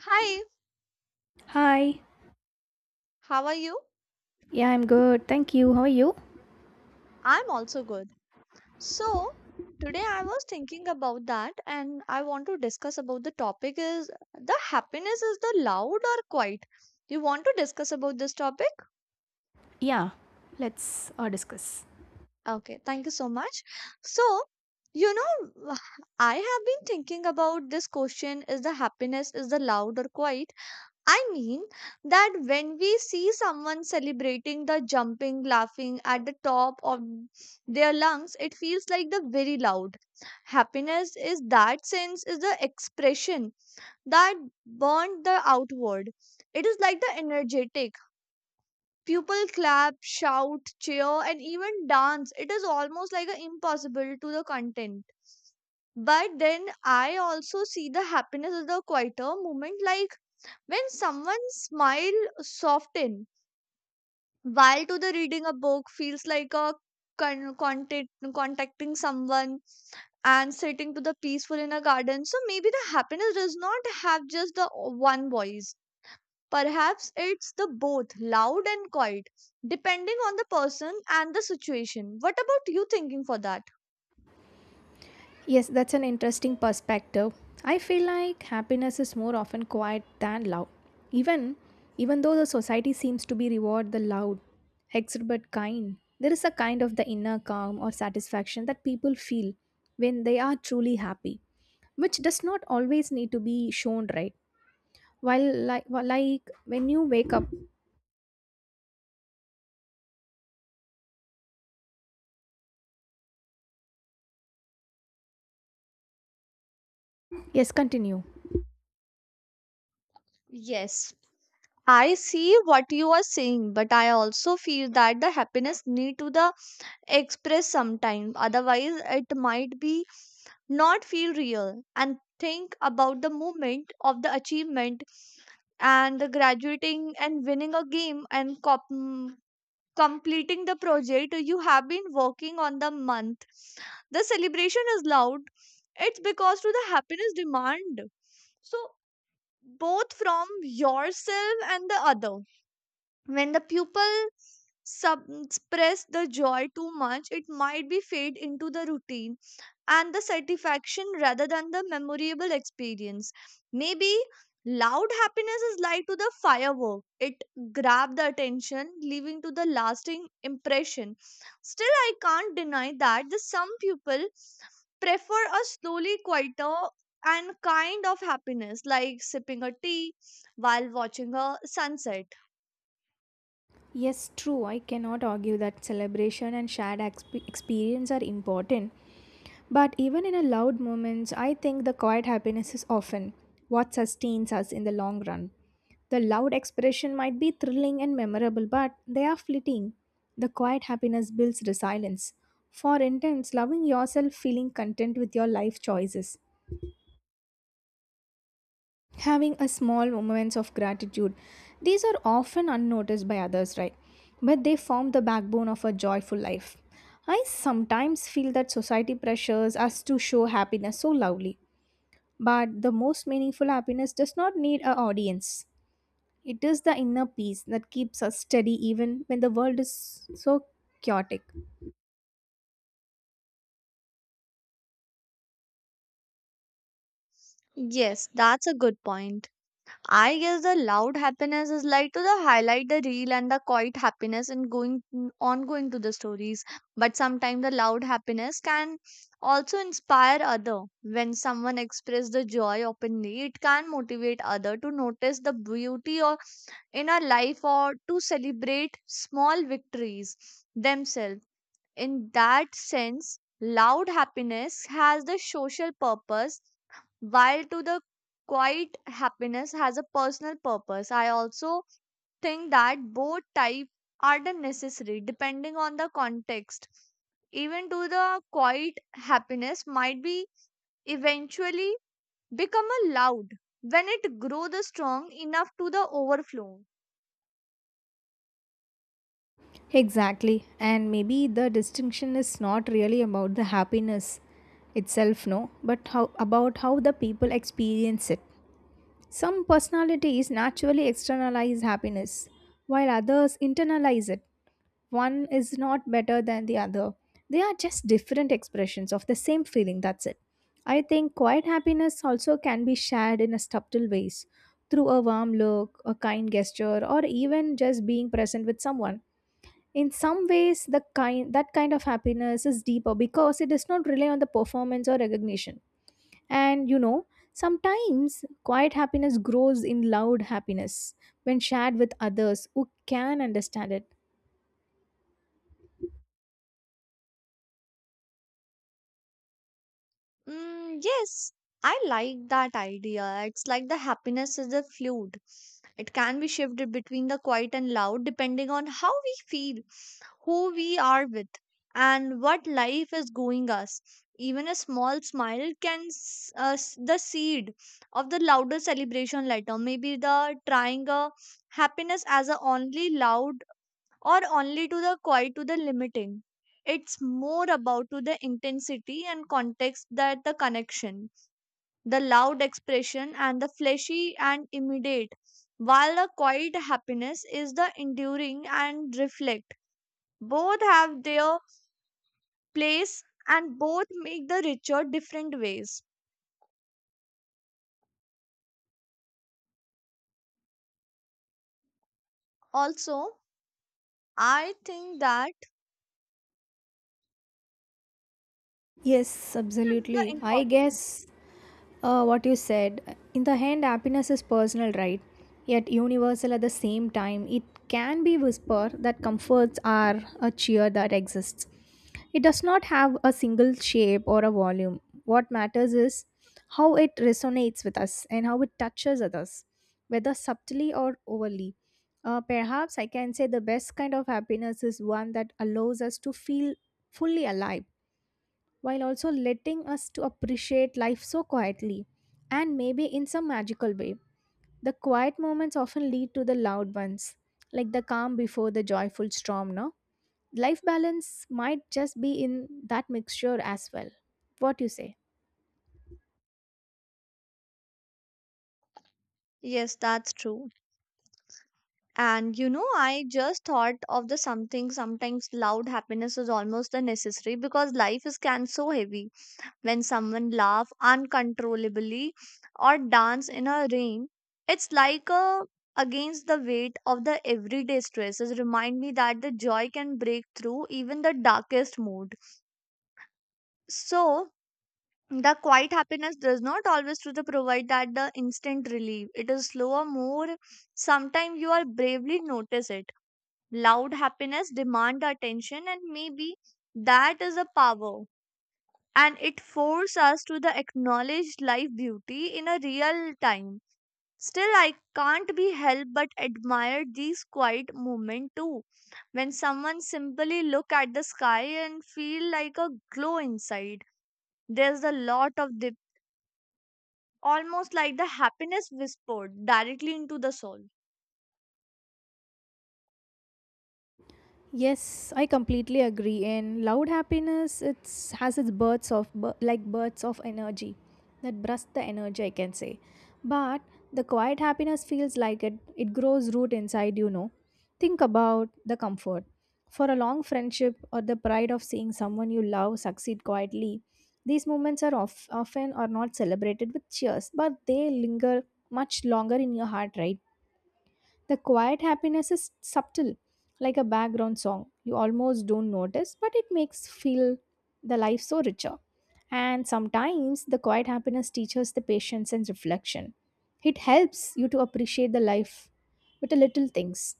Hi, Hi. how are you? Yeah, I'm good. Thank you. How are you? I'm also good. So, today I was thinking about that and I want to discuss about the topic is the happiness is the loud or quiet. You want to discuss about this topic? Yeah, let's discuss. Okay, thank you so much. So, you know, I have been thinking about this question is the happiness is the loud or quiet. I mean that when we see someone celebrating the jumping, laughing at the top of their lungs, it feels like the very loud. Happiness is that sense is the expression that burns the outward. It is like the energetic. People clap, shout, cheer, and even dance. It is almost like a impossible to the content. But then I also see the happiness as the quieter moment like when someone smile soften while to the reading a book feels like a contact, contacting someone and sitting to the peaceful in a garden. So maybe the happiness does not have just the one voice. Perhaps it's the both loud and quiet, depending on the person and the situation. What about you thinking for that? Yes, that's an interesting perspective. I feel like happiness is more often quiet than loud. Even even though the society seems to be reward the loud, exuberant kind, there is a kind of the inner calm or satisfaction that people feel when they are truly happy, which does not always need to be shown, right? While like when you wake up, yes, continue. Yes. I see what you are saying, but I also feel that the happiness need to the express sometime otherwise it might be not feel real and think about the moment of the achievement and the graduating and winning a game and completing the project you have been working on the month, the celebration is loud. It's because to the happiness demand, so both from yourself and the other. When the pupil suppress the joy too much, it might be fade into the routine and the satisfaction rather than the memorable experience. Maybe loud happiness is like to the firework. It grabbed the attention, leaving to the lasting impression. Still, I can't deny that the some people prefer a slowly quieter and kind of happiness like sipping a tea while watching a sunset. Yes, true. I cannot argue that celebration and shared experience are important. But even in a loud moments, I think the quiet happiness is often what sustains us in the long run. The loud expression might be thrilling and memorable, but they are fleeting. The quiet happiness builds resilience. For instance, loving yourself, feeling content with your life choices, having a small moments of gratitude, these are often unnoticed by others, right? But they form the backbone of a joyful life. I sometimes feel that society pressures us to show happiness so loudly, but the most meaningful happiness does not need an audience. It is the inner peace that keeps us steady even when the world is so chaotic. Yes, that's a good point. I guess the loud happiness is like to the highlight the real and the quiet happiness and going ongoing to the stories. But sometimes the loud happiness can also inspire other. When someone express the joy openly, it can motivate other to notice the beauty or in our life or to celebrate small victories themselves. In that sense, loud happiness has the social purpose, while to the quiet happiness has a personal purpose. I also think that both type are the necessary depending on the context. Even to the quiet happiness might be eventually become a loud when it grow the strong enough to the overflow. Exactly. And maybe the distinction is not really about the happiness itself, no, but how about how the people experience it. Some personalities naturally externalize happiness, while others internalize it. One is not better than the other. They are just different expressions of the same feeling, that's it. I think quiet happiness also can be shared in a subtle ways through a warm look, a kind gesture, or even just being present with someone. In some ways the kind of happiness is deeper because it does not rely on the performance or recognition. And sometimes quiet happiness grows in loud happiness when shared with others who can understand it. Mm, yes, I like that idea. It's like the happiness is a fluid. It can be shifted between the quiet and loud depending on how we feel, who we are with, and what life is going us. Even a small smile can the seed of the louder celebration later. Maybe the trying a happiness as a only loud or only to the quite to the limiting. It's more about to the intensity and context that the connection, the loud expression and the fleshy and immediate, while the quiet happiness is the enduring and reflect. Both have their place and both make the richer different ways. Also, I think that Yes, is the absolutely, I important. guess what you said in the end, happiness is personal, right? Yet universal at the same time. It can be whisper that comforts are a cheer that exists. It does not have a single shape or a volume. What matters is how it resonates with us and how it touches others, whether subtly or overly. Uh, perhaps I can say the best kind of happiness is one that allows us to feel fully alive, while also letting us to appreciate life so quietly and maybe in some magical way. The quiet moments often lead to the loud ones, like the calm before the joyful storm, no? Life balance might just be in that mixture as well. What you say? Yes, that's true. And I just thought of the something. Sometimes loud happiness is almost a necessary because life is can so heavy when someone laugh uncontrollably or dance in a rain. It's like a against the weight of the everyday stresses remind me that the joy can break through even the darkest mood. So the quiet happiness does not always to the provide that the instant relief. It is slower, more sometimes you are bravely notice it. Loud happiness demand attention, and maybe that is a power, and it forces us to the acknowledge life beauty in a real time. Still, I can't be helped but admire these quiet moments too. When someone simply look at the sky and feel like a glow inside, there's a lot of dip, almost like the happiness whispered directly into the soul. Yes, I completely agree. And loud happiness, it's has its bursts of like bursts of energy that burst the energy, I can say. But the quiet happiness feels like it grows root inside. You know, think about the comfort for a long friendship or the pride of seeing someone you love succeed quietly. These moments are often are not celebrated with cheers, but they linger much longer in your heart, right? The quiet happiness is subtle, like a background song. You almost don't notice, but it makes feel the life so richer. And sometimes the quiet happiness teaches the patience and reflection. It helps you to appreciate the life with the little things.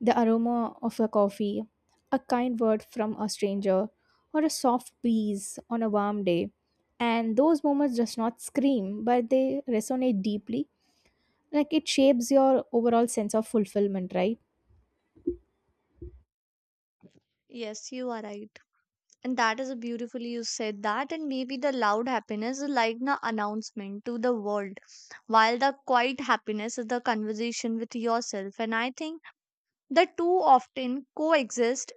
The aroma of a coffee, a kind word from a stranger, or a soft breeze on a warm day. And those moments just not scream, but they resonate deeply, like it shapes your overall sense of fulfillment, right? Yes, you are right. And that is a beautifully you said that, and maybe the loud happiness is like the announcement to the world, while the quiet happiness is the conversation with yourself. And I think the two often coexist,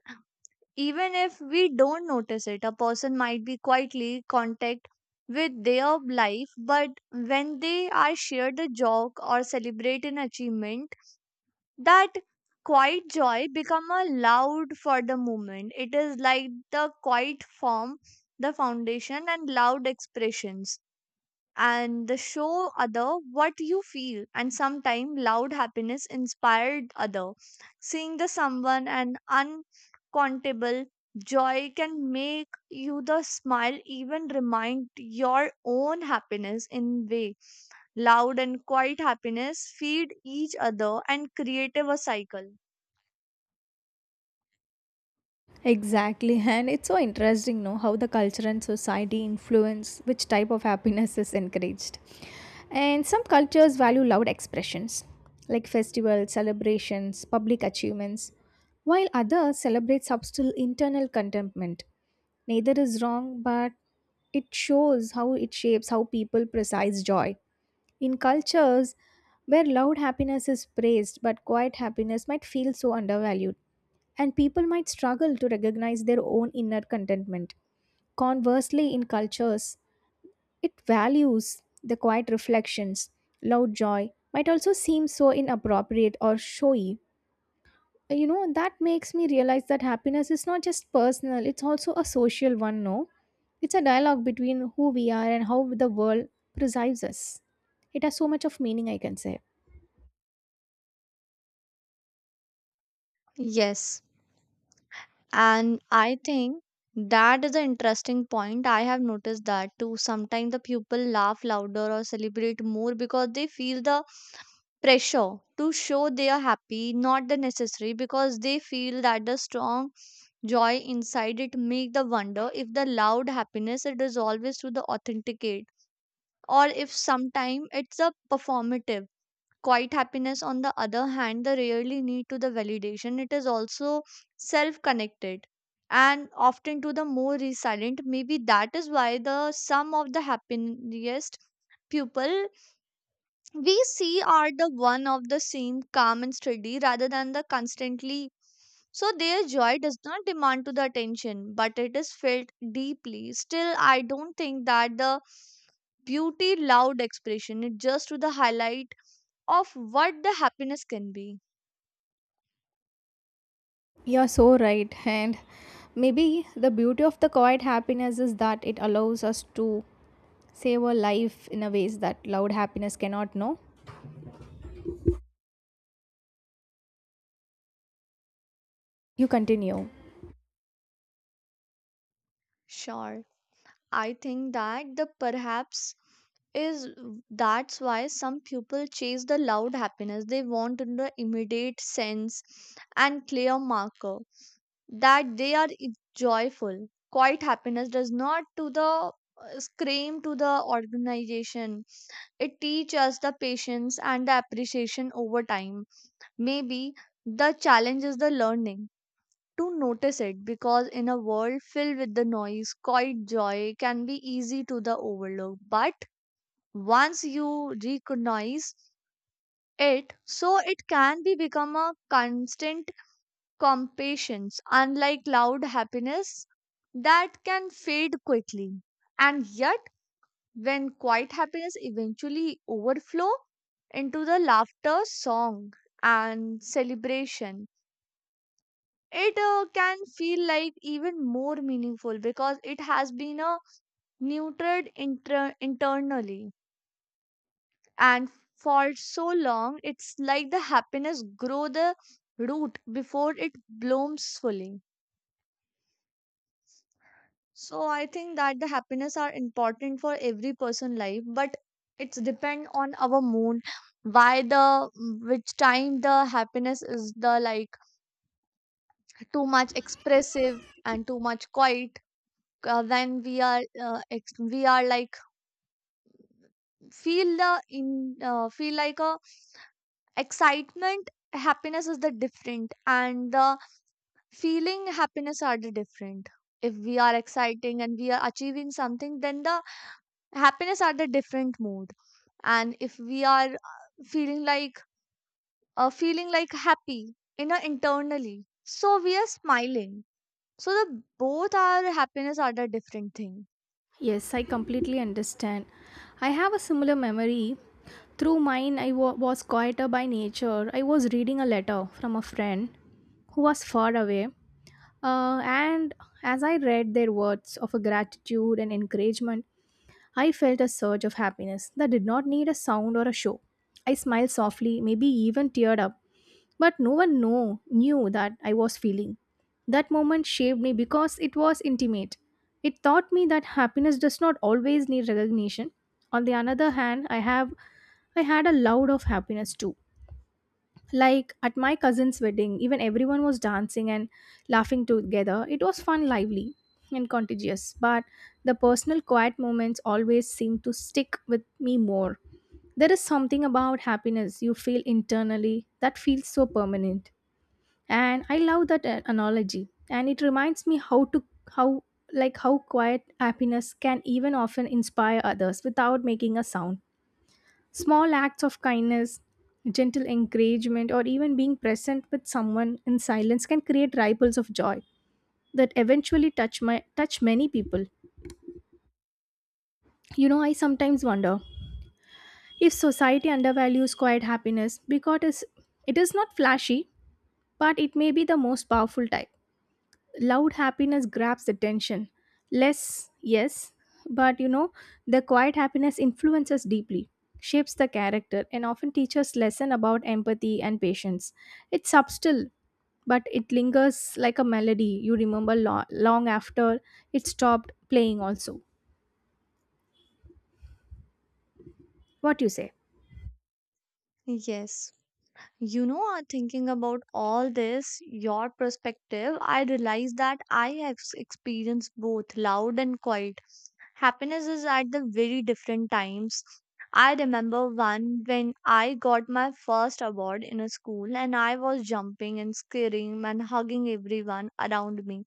even if we don't notice it. A person might be quietly contact with their life, but when they are shared a joke or celebrate an achievement, that quiet joy become a loud for the moment. It is like the quiet form the foundation and loud expressions and the show other what you feel, and sometime loud happiness inspired other. Seeing the someone and unquantable joy can make you the smile, even remind your own happiness in way. Loud and quiet happiness feed each other and create a cycle. Exactly, and it's so interesting, know how the culture and society influence which type of happiness is encouraged. And some cultures value loud expressions like festivals, celebrations, public achievements, while others celebrate subtle internal contentment. Neither is wrong, but it shows how it shapes how people precise joy. In cultures where loud happiness is praised but quiet happiness might feel so undervalued, and people might struggle to recognize their own inner contentment. Conversely, in cultures, it values the quiet reflections. Loud joy might also seem so inappropriate or showy, you know that makes me realize that happiness is not just personal, it's also a social one, no? It's a dialogue between who we are and how the world perceives us. It has so much of meaning, I can say. Yes, and I think that is an interesting point. I have noticed that too. Sometimes the people laugh louder or celebrate more because they feel the pressure to show they are happy, not the necessary because they feel that the strong joy inside. It make the wonder if the loud happiness it is always to the authenticate, or if sometime it's a performative. Quiet happiness, on the other hand, they rarely need to the validation. It is also self-connected and often to the more resilient. Maybe that is why the some of the happiest people we see are the one of the same calm and steady rather than the constantly. So their joy does not demand to the attention, but it is felt deeply. Still, I don't think that the beauty loud expression it just to the highlight of what the happiness can be. You're so right. And maybe the beauty of the quiet happiness is that it allows us to savor life in a ways that loud happiness cannot know. You continue. Sure, I think that the perhaps is that's why some people chase the loud happiness. They want the immediate sense and clear marker that they are joyful. Quiet happiness does not to the scream to the organization. It teaches us the patience and the appreciation over time. Maybe the challenge is the learning to notice it, because in a world filled with the noise, quiet joy can be easy to the overlook. But once you recognize it, so it can be become a constant compassion, unlike loud happiness that can fade quickly. And yet, when quiet happiness eventually overflow into the laughter, song, and celebration, it can feel like even more meaningful because it has been neutered internally and for so long. It's like the happiness grow the root before it blooms fully. So I think that the happiness are important for every person life, but it's depend on our mood. Why the which time the happiness is the like too much expressive and too much quiet. When we are we are like feel the in feel like a excitement happiness is the different, and the feeling happiness are the different. If we are exciting and we are achieving something, then the happiness are the different mood. And if we are feeling like happy inner internally, so we are smiling. So the both our happiness are the different thing. Yes, I completely understand. I have a similar memory. Through mine, I was quieter by nature. I was reading a letter from a friend who was far away. And as I read their words of a gratitude and encouragement, I felt a surge of happiness that did not need a sound or a show. I smiled softly, maybe even teared up, but no one knew that I was feeling. That moment shaped me because it was intimate. It taught me that happiness does not always need recognition. On the other hand, I had a loud of happiness too, like at my cousin's wedding, even everyone was dancing and laughing together. It was fun, lively, and contagious, but the personal quiet moments always seem to stick with me more. There is something about happiness you feel internally that feels so permanent. And I love that analogy. And it reminds me how how quiet happiness can even often inspire others without making a sound. Small acts of kindness, gentle encouragement, or even being present with someone in silence can create ripples of joy that eventually touch many people. You know, I sometimes wonder if society undervalues quiet happiness because it is not flashy, but it may be the most powerful type. Loud happiness grabs attention less, yes, but you know the quiet happiness influences deeply, shapes the character and often teaches lesson about empathy and patience. It's subtle, but it lingers like a melody you remember long after it stopped playing. Also, what you say? Yes. You know, thinking about all this, your perspective, I realize that I have experienced both loud and quiet. Happiness is at the very different times. I remember one when I got my first award in a school and I was jumping and screaming and hugging everyone around me.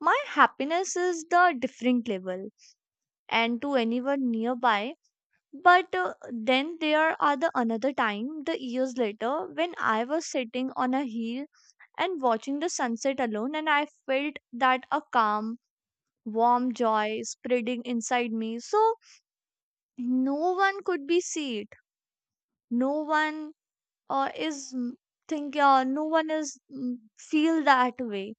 My happiness is the different level, and to anyone nearby, but then there are the another time, the years later, when I was sitting on a hill and watching the sunset alone, and I felt that a calm, warm joy spreading inside me. So no one could be see it. No one uh, is mm, think. No one is feel that way,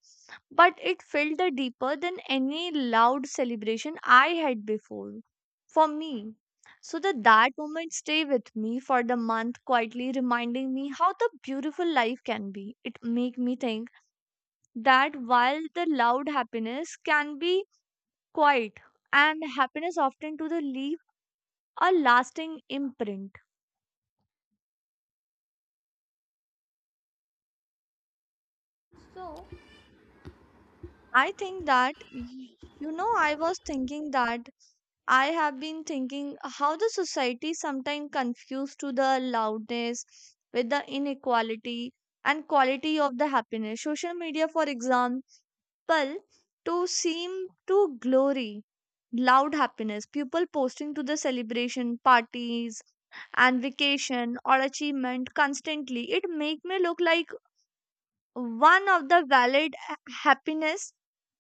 but it felt the deeper than any loud celebration I had before for me. So that moment stay with me for the month, quietly reminding me how the beautiful life can be. It make me think that while the loud happiness can be quiet, and happiness often to the leave a lasting imprint. So I think that you know I was thinking that I have been thinking how the society sometimes confused to the loudness with the inequality and quality of the happiness. Social media, for example, to seem to glory loud happiness. People posting to the celebration parties and vacation or achievement constantly. It make me look like one of the valid happiness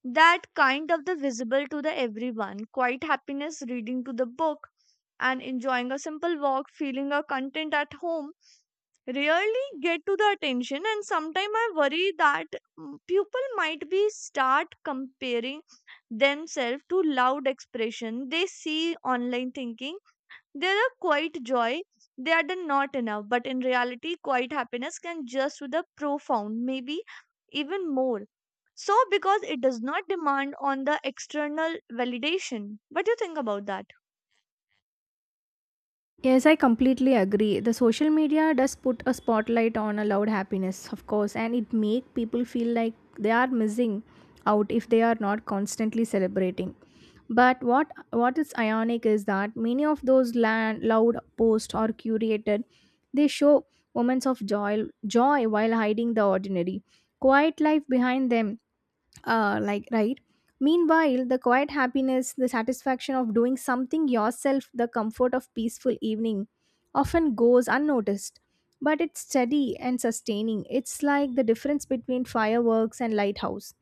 that kind of the visible to the everyone. Quiet happiness reading to the book and enjoying a simple walk, feeling a content at home, rarely get to the attention. And sometimes I worry that people might be start comparing themselves to loud expression they see online, thinking there are quite joy. They are the not enough, but in reality, quite happiness can just with the profound, maybe even more. So, because it does not demand on the external validation. What do you think about that? Yes, I completely agree. The social media does put a spotlight on allowed happiness, of course, and it make people feel like they are missing out if they are not constantly celebrating. But what is ironic is that many of those loud posts are curated. They show moments of joy while hiding the ordinary, quiet life behind them, like, right? Meanwhile the quiet happiness, the satisfaction of doing something yourself, the comfort of peaceful evening, often goes unnoticed, but it's steady and sustaining. It's like the difference between fireworks and lighthouse,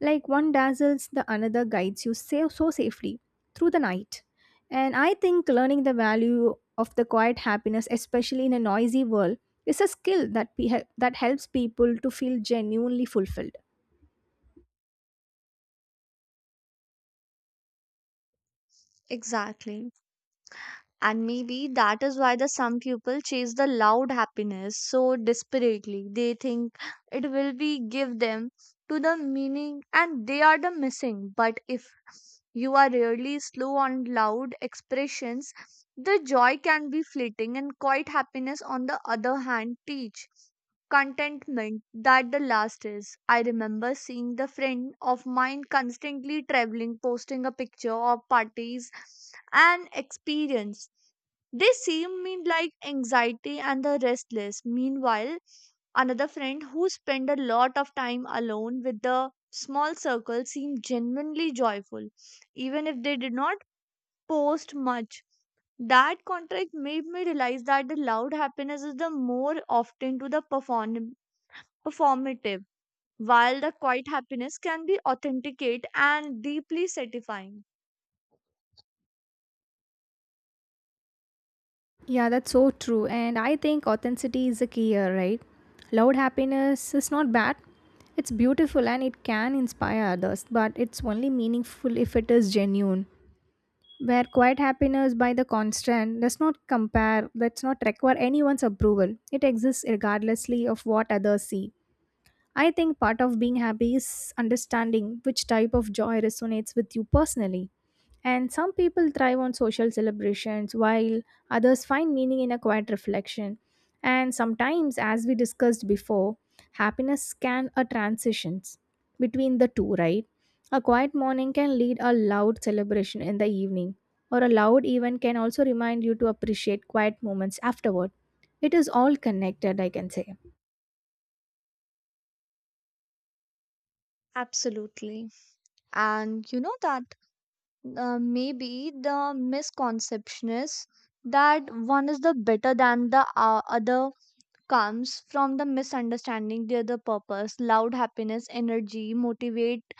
like one dazzles the another guides you so safely through the night. And I think learning the value of the quiet happiness, especially in a noisy world, is a skill that helps people to feel genuinely fulfilled. Exactly. And maybe that is why the some people chase the loud happiness so desperately. They think it will be give them to the meaning and they are the missing. But if you are really slow on loud expressions, the joy can be fleeting and quiet happiness on the other hand teach contentment that the last is. I remember seeing the friend of mine constantly traveling, posting a picture of parties and experience. They seem mean like anxiety and the restless. Meanwhile, another friend who spent a lot of time alone with the small circle seemed genuinely joyful, even if they did not post much. That contract made me realize that the loud happiness is the more often to the performative, while the quiet happiness can be authenticate and deeply satisfying. Yeah, that's so true. And I think authenticity is the key here, right? Loud happiness is not bad. It's beautiful and it can inspire others, but it's only meaningful if it is genuine. Where quiet happiness by the constant does not compare, does not require anyone's approval. It exists regardlessly of what others see. I think part of being happy is understanding which type of joy resonates with you personally. And some people thrive on social celebrations, while others find meaning in a quiet reflection. And sometimes, as we discussed before, happiness can a transitions between the two, right? A quiet morning can lead a loud celebration in the evening, or a loud event can also remind you to appreciate quiet moments afterward. It is all connected, I can say. Absolutely. And you know that maybe the misconception is that one is the better than the other comes from the misunderstanding the other purpose. Loud happiness, energy, motivate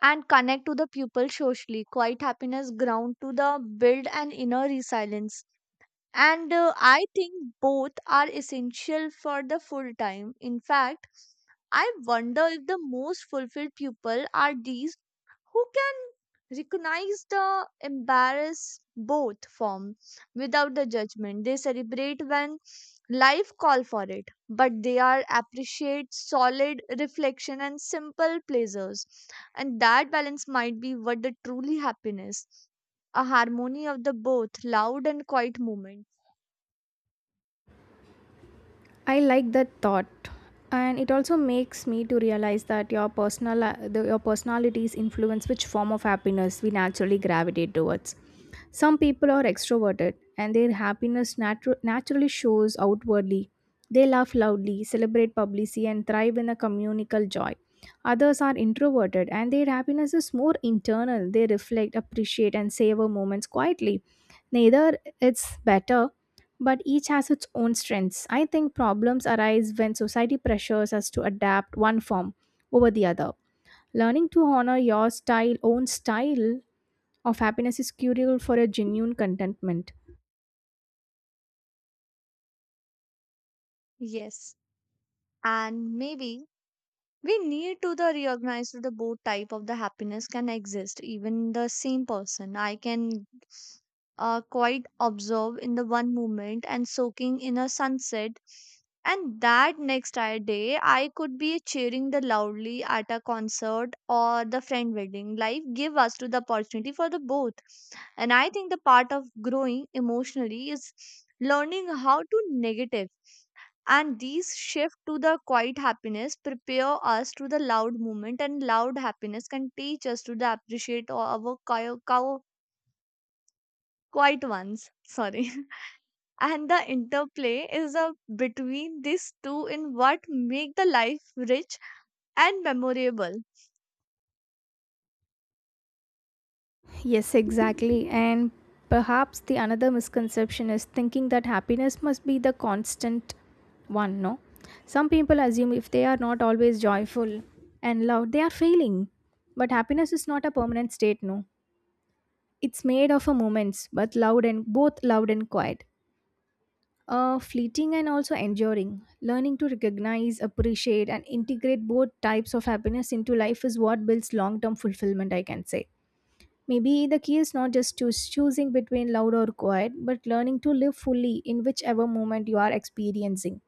and connect to the pupil socially. Quiet happiness ground to the build an inner resilience. And I think both are essential for the full time. In fact, I wonder if the most fulfilled people are these who can recognize the embarrass both form without the judgment. They celebrate when life call for it, but they are appreciate solid reflection and simple pleasures, and that balance might be what the truly happiness, a harmony of the both loud and quiet moment. I like that thought, and it also makes me to realize that your personalities influence which form of happiness we naturally gravitate towards. Some people are extroverted, and their happiness naturally shows outwardly. They laugh loudly, celebrate publicly, and thrive in a communal joy. Others are introverted, and their happiness is more internal. They reflect, appreciate, and savor moments quietly. Neither it's better, but each has its own strengths. I think problems arise when society pressures us to adapt one form over the other. Learning to honor your own style of happiness is crucial for a genuine contentment. Yes. And maybe we need to the recognize that the both type of the happiness can exist even the same person. I can quite observe in the one moment and soaking in a sunset, and that day I could be cheering the loudly at a concert or the friend wedding. Life give us to the opportunity for the both, and I think the part of growing emotionally is learning how to negative, and these shift to the quiet happiness prepare us to the loud moment, and loud happiness can teach us to the appreciate our quiet ones. Sorry. And the interplay is a between these two in what make the life rich and memorable. Yes, exactly. And perhaps the another misconception is thinking that happiness must be the constant one, no? Some people assume if they are not always joyful and loved, they are failing. But happiness is not a permanent state, no? It's made of a moments, but loud and both loud and quiet. Fleeting and also enduring. Learning to recognize, appreciate, and integrate both types of happiness into life is what builds long term fulfillment, I can say. Maybe the key is not just choosing between loud or quiet, but learning to live fully in whichever moment you are experiencing.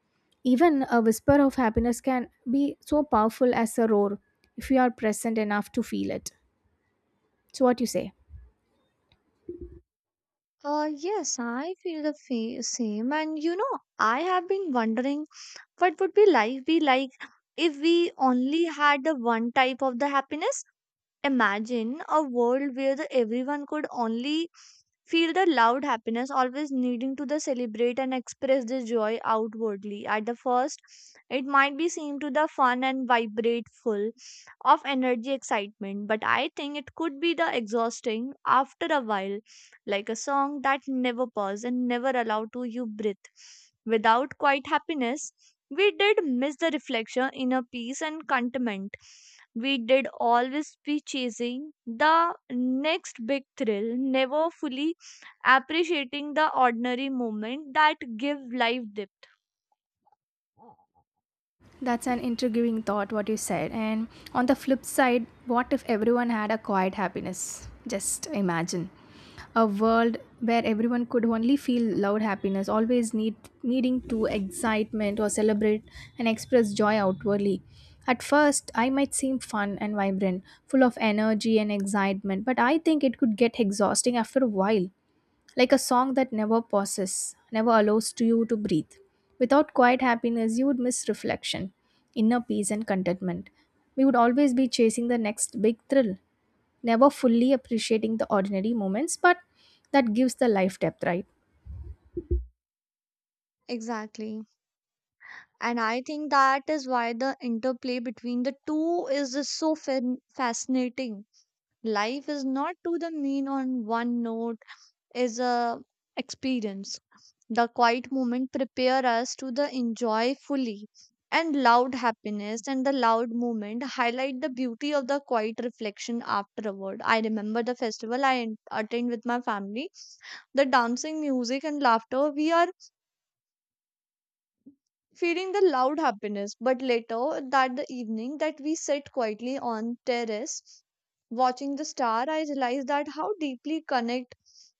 Even a whisper of happiness can be so powerful as a roar if you are present enough to feel it. So, what you say? Yes, I feel the same. And you know, I have been wondering what would be life be like if we only had the one type of the happiness. Imagine a world where the everyone could only feel the loud happiness, always needing to the celebrate and express the joy outwardly. At the first, it might be seem to the fun and vibrate, full of energy excitement, but I think it could be the exhausting after a while, like a song that never paused and never allowed to you breathe. Without quiet happiness, we did miss the reflection in a peace and contentment. We did always be chasing the next big thrill, never fully appreciating the ordinary moment that give life depth. That's an intriguing thought, what you said. And on the flip side, what if everyone had a quiet happiness? Just imagine a world where everyone could only feel loud happiness, always needing to excitement or celebrate and express joy outwardly. At first, I might seem fun and vibrant, full of energy and excitement, but I think it could get exhausting after a while, like a song that never pauses, never allows to you to breathe. Without quiet happiness, you would miss reflection, inner peace, and contentment. We would always be chasing the next big thrill, never fully appreciating the ordinary moments, but that gives the life depth, right? Exactly. And I think that is why the interplay between the two is just so fascinating. Life is not to the mean on one note, is a experience. The quiet moment prepare us to the enjoy fully and loud happiness, and the loud moment highlight the beauty of the quiet reflection afterward. I remember the festival I attend with my family. The dancing, music and laughter we are feeding the loud happiness. But later that the evening that we sit quietly on terrace watching the star, I realized that how deeply connect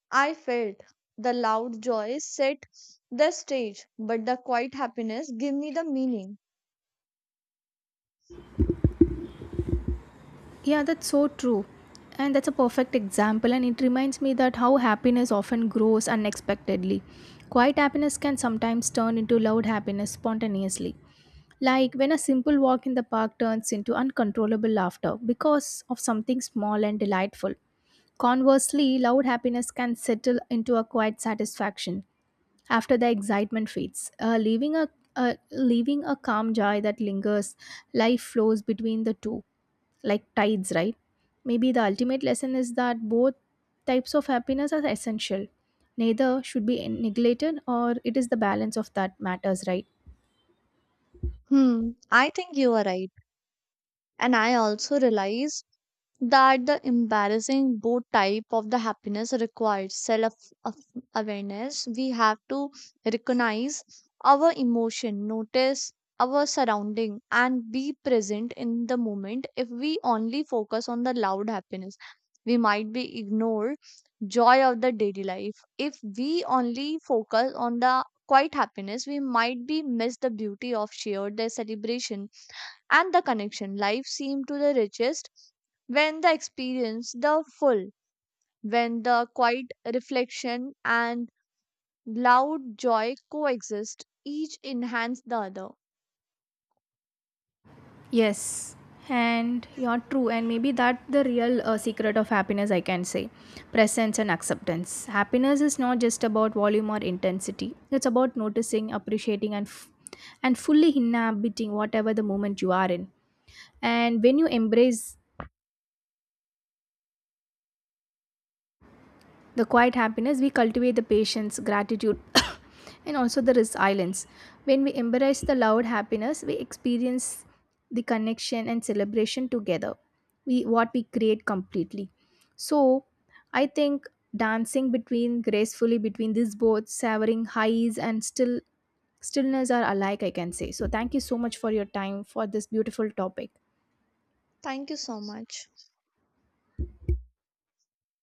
I felt. The loud joy set the stage, but the quiet happiness give me the meaning. Yeah, that's so true. And that's a perfect example, and it reminds me that how happiness often grows unexpectedly. Quiet happiness can sometimes turn into loud happiness spontaneously. Like when a simple walk in the park turns into uncontrollable laughter because of something small and delightful. Conversely, loud happiness can settle into a quiet satisfaction, after the excitement fades, leaving a calm joy that lingers. Life flows between the two like tides, right? Maybe the ultimate lesson is that both types of happiness are essential. Neither should be neglected, or it is the balance of that matters, right? Hmm, I think you are right. And I also realized that the embarrassing both type of the happiness requires af- awareness. We have to recognize our emotion, notice our surrounding, and be present in the moment. If we only focus on the loud happiness, we might be ignore joy of the daily life. If we only focus on the quiet happiness, we might be miss the beauty of shared the celebration and the connection. Life seemed to the richest when the experience the full, when the quiet reflection and loud joy coexist, each enhance the other. Yes, and you're true, and maybe that the real secret of happiness, I can say, presence and acceptance. Happiness is not just about volume or intensity, it's about noticing, appreciating, and fully inhabiting whatever the moment you are in. And when you embrace the quiet happiness, we cultivate the patience, gratitude, and also the resilience. When we embrace the loud happiness, we experience the connection and celebration together, we what we create completely. So I think dancing between gracefully between these both, savoring highs and stillness are alike, I can say. So thank you so much for your time for this beautiful topic. Thank you so much.